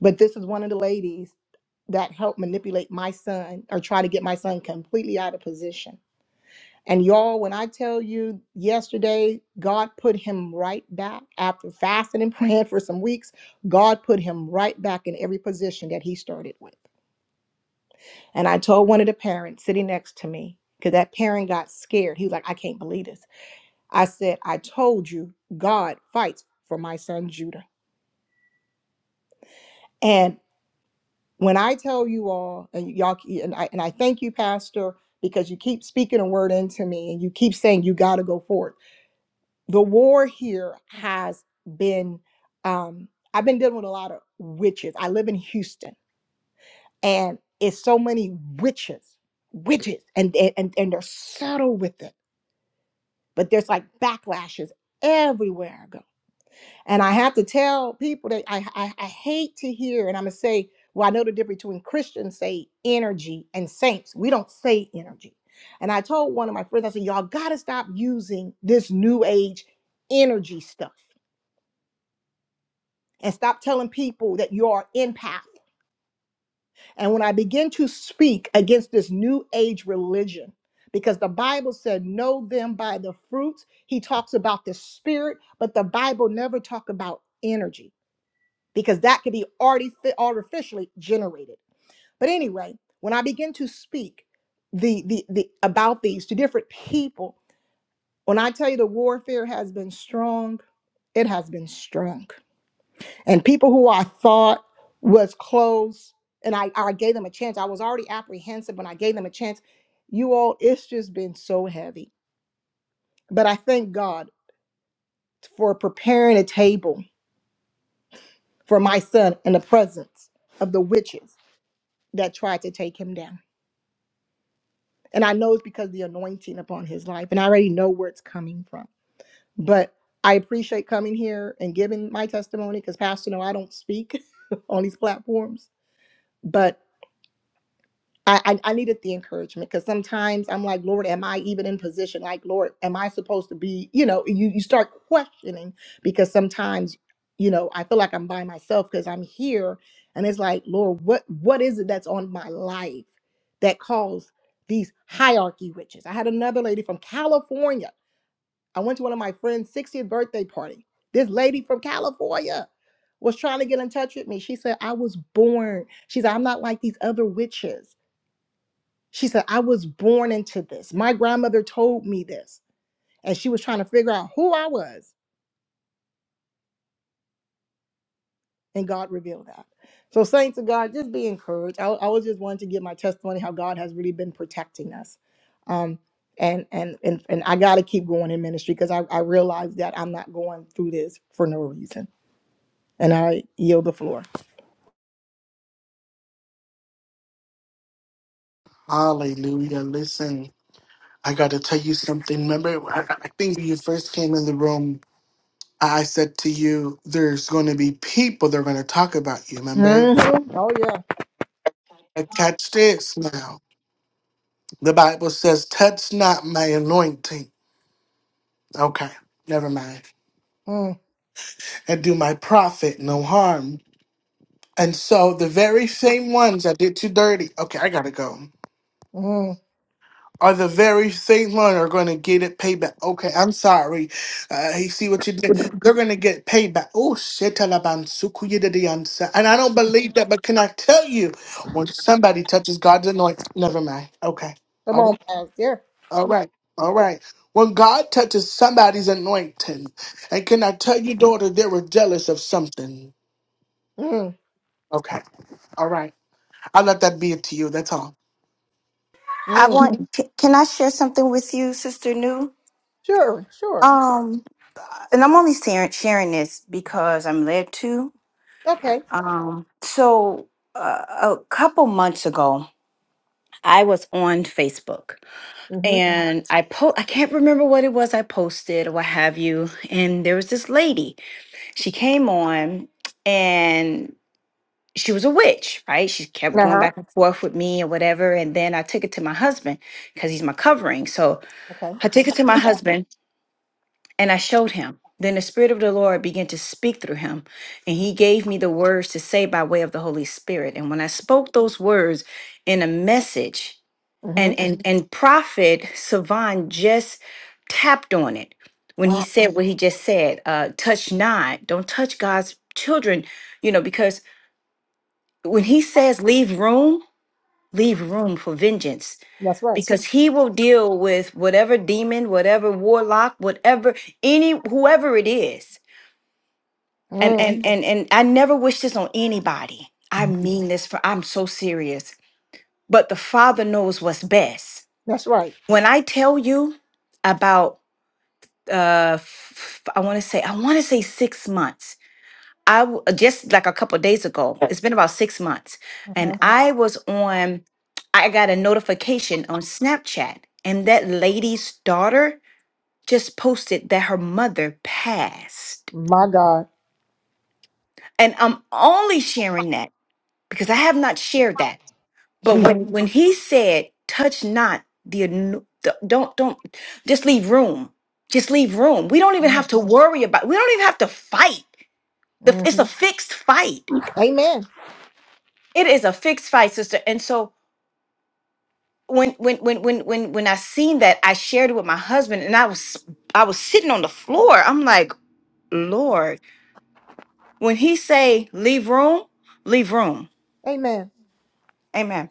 But this is one of the ladies that helped manipulate my son or try to get my son completely out of position. And y'all, when I tell you yesterday, God put him right back after fasting and praying for some weeks, God put him right back in every position that he started with. And I told one of the parents sitting next to me, because that parent got scared. He was like, I can't believe this. I said, I told you God fights for my son Judah. And when I tell you all, and y'all, and I, and I thank you, Pastor, because you keep speaking a word into me and you keep saying you got to go forth. The war here has been, um, I've been dealing with a lot of witches. I live in Houston and it's so many witches, witches, and, and, and they're subtle with it, but there's like backlashes everywhere I go And I have to tell people that I, I, I hate to hear, and I'm going to say, well, I know the difference between Christians say energy and saints. We don't say energy. And I told one of my friends, I said, y'all got to stop using this new age energy stuff and stop telling people that you are empath. And when I begin to speak against this new age religion, because the Bible said, know them by the fruits. He talks about the spirit, but the Bible never talk about energy. because that could be already artificially generated. But anyway, when I begin to speak the, the the about these to different people, when I tell you the warfare has been strong, it has been strong. And people who I thought was close, and I, I gave them a chance. I was already apprehensive when I gave them a chance. You all, it's just been so heavy. But I thank God for preparing a table for my son in the presence of the witches that tried to take him down. And I know it's because of the anointing upon his life, and I already know where it's coming from. But I appreciate coming here and giving my testimony because Pastor, no, I don't speak on these platforms, but I, I I needed the encouragement because sometimes I'm like, Lord, am I even in position? Like, Lord, am I supposed to be? You know, you you start questioning because sometimes, you know, I feel like I'm by myself because I'm here, and it's like, Lord, what what is it that's on my life that caused these hierarchy riches? I had another lady from California. I went to one of my friend's 60th birthday party. This lady from California was trying to get in touch with me. She said, I was born. She said, I'm not like these other witches. She said, I was born into this. My grandmother told me this. And she was trying to figure out who I was. And God revealed that. So, saints of God, just be encouraged. I, I was just wanting to give my testimony how God has really been protecting us. Um, and and and, and I gotta keep going in ministry because I, I realize that I'm not going through this for no reason. And I yield the floor.
Hallelujah. Listen, I got to tell you something. Remember, I, I think when you first came in the room. I said to you, there's going to be people that are going to talk about you, remember?
Mhm. Oh yeah.
And Catch this now. The Bible says, touch not my anointing. Okay, never mind.
Mm,
And do my prophet no harm. And so the very same ones that did you dirty, okay, I gotta go.
mm.
are the very same one are going to get it payback. Okay, I'm sorry. Uh, you see what you did? They're going to get payback. Oh, shit. Taliban, suku you did the answer. And I don't believe that, but can I tell you, when somebody touches God's anointing, never mind. Okay.
Come
All
on,
right.
Pastor.
All
Come
right.
on.
All right. When God touches somebody's anointing, and can I tell you, daughter, they were jealous of something.
Mm,
Okay. All right. I'll let that be it to you. That's all.
I
mm.
want. c- Can I share something with you, Sister New?
Sure, sure. Absolutely.
Um, and I'm only sharing, sharing this because I'm led to.
Okay.
Um, so uh, a couple months ago, I was on Facebook and I po- I can't remember what it was I posted or what have you. And there was this lady. She came on. and. she was a witch, right? She kept
Uh
going
huh.
back and forth with me and whatever. And then I took it to my husband because he's my covering. So
Okay.
I took it to my husband and I showed him. Then the Spirit of the Lord began to speak through him, and he gave me the words to say by way of the Holy Spirit. And when I spoke those words in a message,
Mm-hmm.
and and Mhm. and Prophet Savan just tapped on it when he
Wow.
said what he just said, uh, touch not, don't touch God's children, you know, because when he says leave room, leave room for vengeance
That's right.
because he will deal with whatever demon whatever warlock whatever any whoever it is and
Mm.
and and and i never wish this on anybody i mean this for i'm so serious but the father knows what's best
That's right.
when i tell you about uh f- i want to say i want to say six months I w- uh, just like a couple days ago. It's been about six months, and
Uh-huh.
I was on. I got a notification on Snapchat, and that lady's daughter just posted that her mother passed.
My God.
And I'm only sharing that because I have not shared that. But
Jesus.
when when he said, "Touch not the, ano- the don't don't just leave room, just leave room." We don't even have to worry about. We don't even have to fight. The, it's a
Mm-hmm.
fixed fight.
Amen.
It is a fixed fight, sister. And so when when when when when when I seen that, I shared it with my husband, and I was I was sitting on the floor. I'm like, Lord, when He say leave room, leave room.
Amen.
Amen.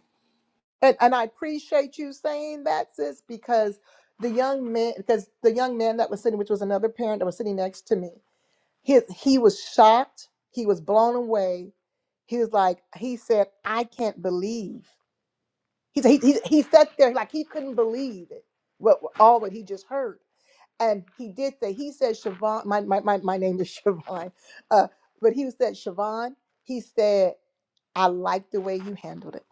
And and I appreciate you saying that, sis, because the young man because the young man that was sitting, which was another parent that was sitting next to me, his he was shocked. He was blown away. He was like, he said, I can't believe. He he he, he sat there like he couldn't believe it. What all what he just heard. And he did say, he said, Siobhan, my, my, my, my name is Siobhan, uh, but he said, Siobhan, he said, I like the way you handled it.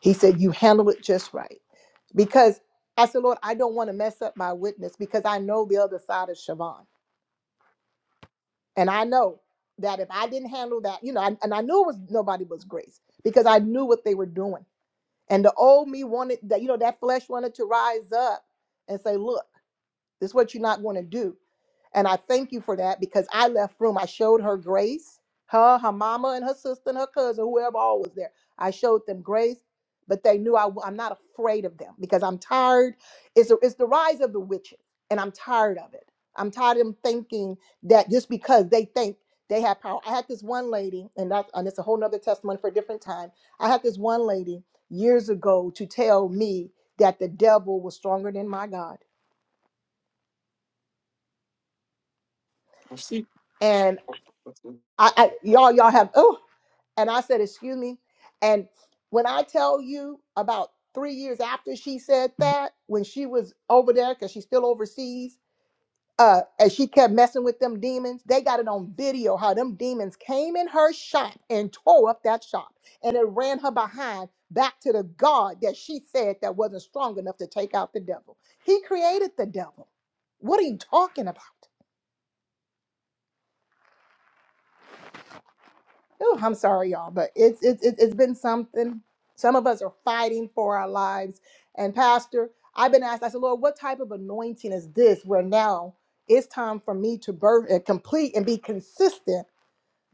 He said, you handled it just right. Because I said, Lord, I don't want to mess up my witness because I know the other side of Siobhan. And I know that if I didn't handle that, you know, and, and I knew it was nobody was grace because I knew what they were doing. And the old me wanted that, you know, that flesh wanted to rise up and say, look, this is what you're not going to do And I thank you for that because I left room. I showed her grace, her, her mama, and her sister, and her cousin, whoever all was there. I showed them grace, but they knew I, am not afraid of them because I'm tired. It's, it's the rise of the witches, and I'm tired of it. I'm tired of them thinking that just because they think they have power. I had this one lady, and that's and it's a whole nother testimony for a different time. I had this one lady years ago to tell me that the devil was stronger than my God. And I, I y'all, y'all have oh And I said, Excuse me. And when I tell you about three years after she said that, when she was over there, because she's still overseas, uh, and she kept messing with them demons, they got it on video how them demons came in her shop and tore up that shop. And it ran her behind back to the God that she said that wasn't strong enough to take out the devil. He created the devil. What are you talking about? Oh, I'm sorry, y'all, but it's it's it's it's been something. Some of us are fighting for our lives. And Pastor, I've been asked. I said, Lord, what type of anointing is this? Where now it's time for me to birth and complete and be consistent.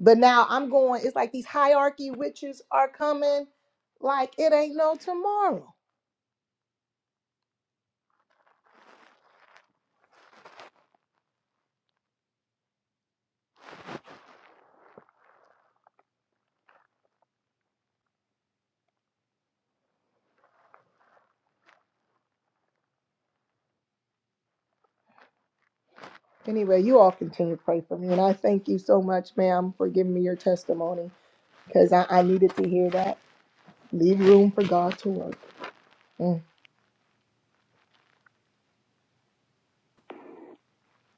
But now I'm going. It's like these hierarchy witches are coming, like it ain't no tomorrow. Anyway, you all continue to pray for me, and I thank you so much, ma'am, for giving me your testimony because I, I needed to hear that. Leave room for God to work. Mm-hmm.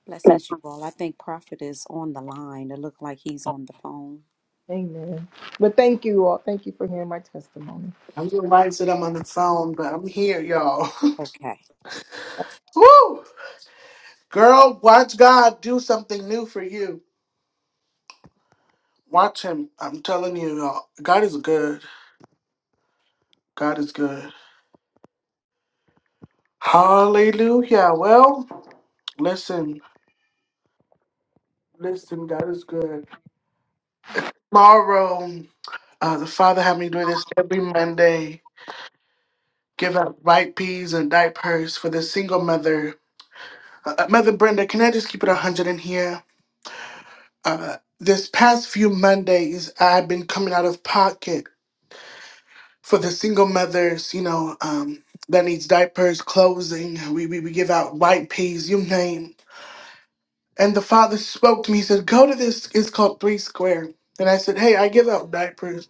Blessings, you all. I think Prophet is on the line. It looked like he's on the phone.
Amen. But thank you all. Thank you for hearing my testimony.
I'm realizing that I'm on the phone, but I'm here, y'all.
Okay.
Woo! Girl, watch God do something new for you. Watch Him. I'm telling you, y'all. God is good. God is good. Hallelujah. Well, listen, listen, God is good. Tomorrow, uh, the Father had me do this every Monday. Give out white peas and diapers for the single mother. Uh, uh, mother Brenda, can I just keep it 100 in here? Uh, this past few Mondays, I've been coming out of pocket for the single mothers, you know, um, that needs diapers, clothing. We, we we give out white peas, you name. And the father spoke to me. He said, "Go to this. It's called Three Square." And I said, "Hey, I give out diapers.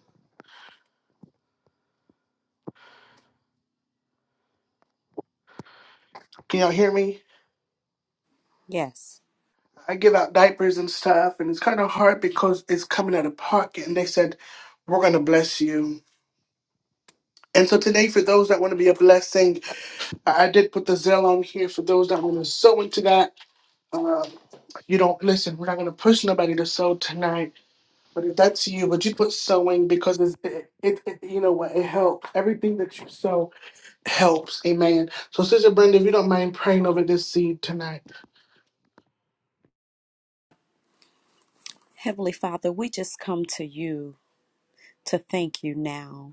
Can y'all hear me?
Yes.
I give out diapers and stuff, and it's kind of hard because it's coming out of pocket." And they said, "We're gonna bless you." And so today, for those that want to be a blessing, I I did put the Zell on here for those that want to sew into that. Uh, you don't listen. We're not going to push nobody to sew tonight But if that's you, would you put sewing because it's, it, it, it, you know what, it helps. Everything that you sow helps. Amen. So, Sister Brenda, if you don't mind praying over this seed tonight,
Heavenly Father, we just come to you to thank you now.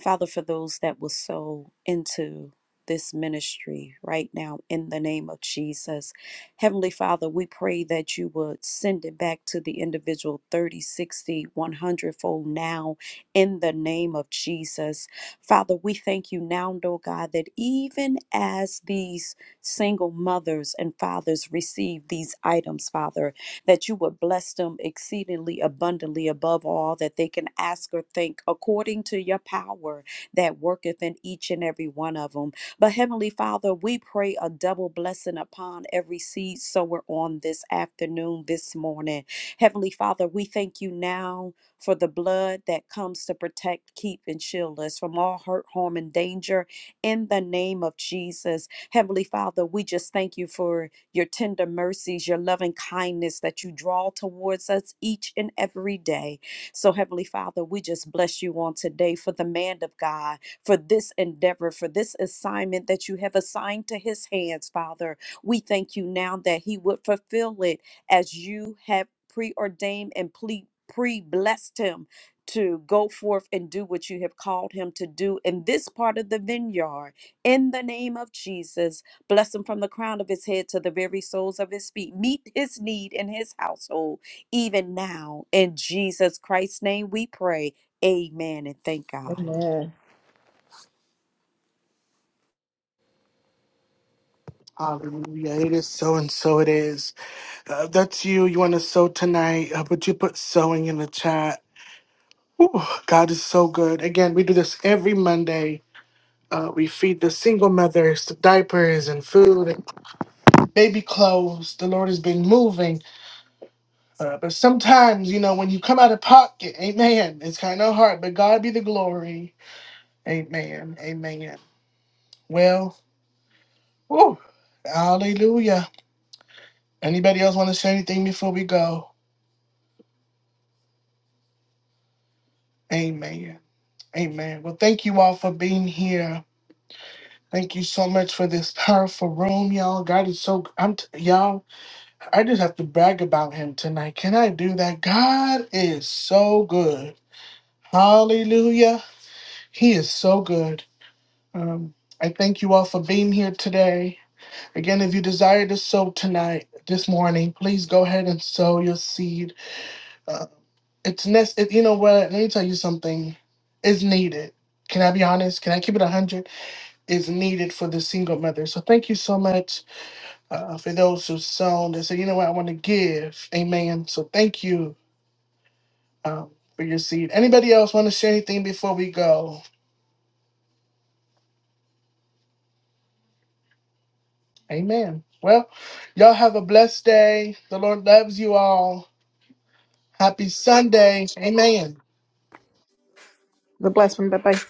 Father, for those that will sow into this ministry right now in the name of Jesus. Heavenly Father, we pray that you would send it back to the individual 30, 60, one hundred fold now in the name of Jesus. Father, we thank you now, Lord God, that even as these single mothers and fathers receive these items, Father, that you would bless them exceedingly abundantly above all that they can ask or think according to your power that worketh in each and every one of them. But Heavenly Father, we pray a double blessing upon every seed sower on this afternoon, this morning. Heavenly Father, we thank you now for the blood that comes to protect, keep, and shield us from all hurt, harm, and danger in the name of Jesus. Heavenly Father, we just thank you for your tender mercies, your loving kindness that you draw towards us each and every day. So, Heavenly Father, we just bless you on today for the man of God, for this endeavor, for this assignment that you have assigned to his hands, Father. We thank you now that he would fulfill it as you have preordained and ple- pre-blessed him to go forth and do what you have called him to do in this part of the vineyard in the name of Jesus Bless him from the crown of his head to the very soles of his feet. Meet his need in his household, even now. In Jesus Christ's name we pray. Amen and thank God.
Amen.
tonight baby clothes, the Lord has been moving. Uh, but sometimes, you know, when you come out of pocket, amen, it's kind of hard, but God be the glory. Amen. Amen. Well, whew, hallelujah. Anybody else want to say anything before we go? Amen. Amen. Well, thank you all for being here. Thank you so much for this powerful room, y'all. God is so I'm t- y'all. I just have to brag about him tonight. Can I do that? God is so good. Hallelujah. He is so good. Um, I thank you all for being here today. Again, if you desire to sow tonight, this morning, please go ahead and sow your seed. Uh, it's nec- it, You know what? Let me tell you something. It's needed. Can I be honest? Can I keep it one hundred? Is needed for the single mother. So thank you so much. uh, for those who sown they said, you know what, I want to give. Amen. So thank you um, for your seed. Anybody else want to share anything before we go? Amen. Well, y'all have a blessed day. The Lord loves you all. Happy Sunday. Amen.
The blessing. Bye bye.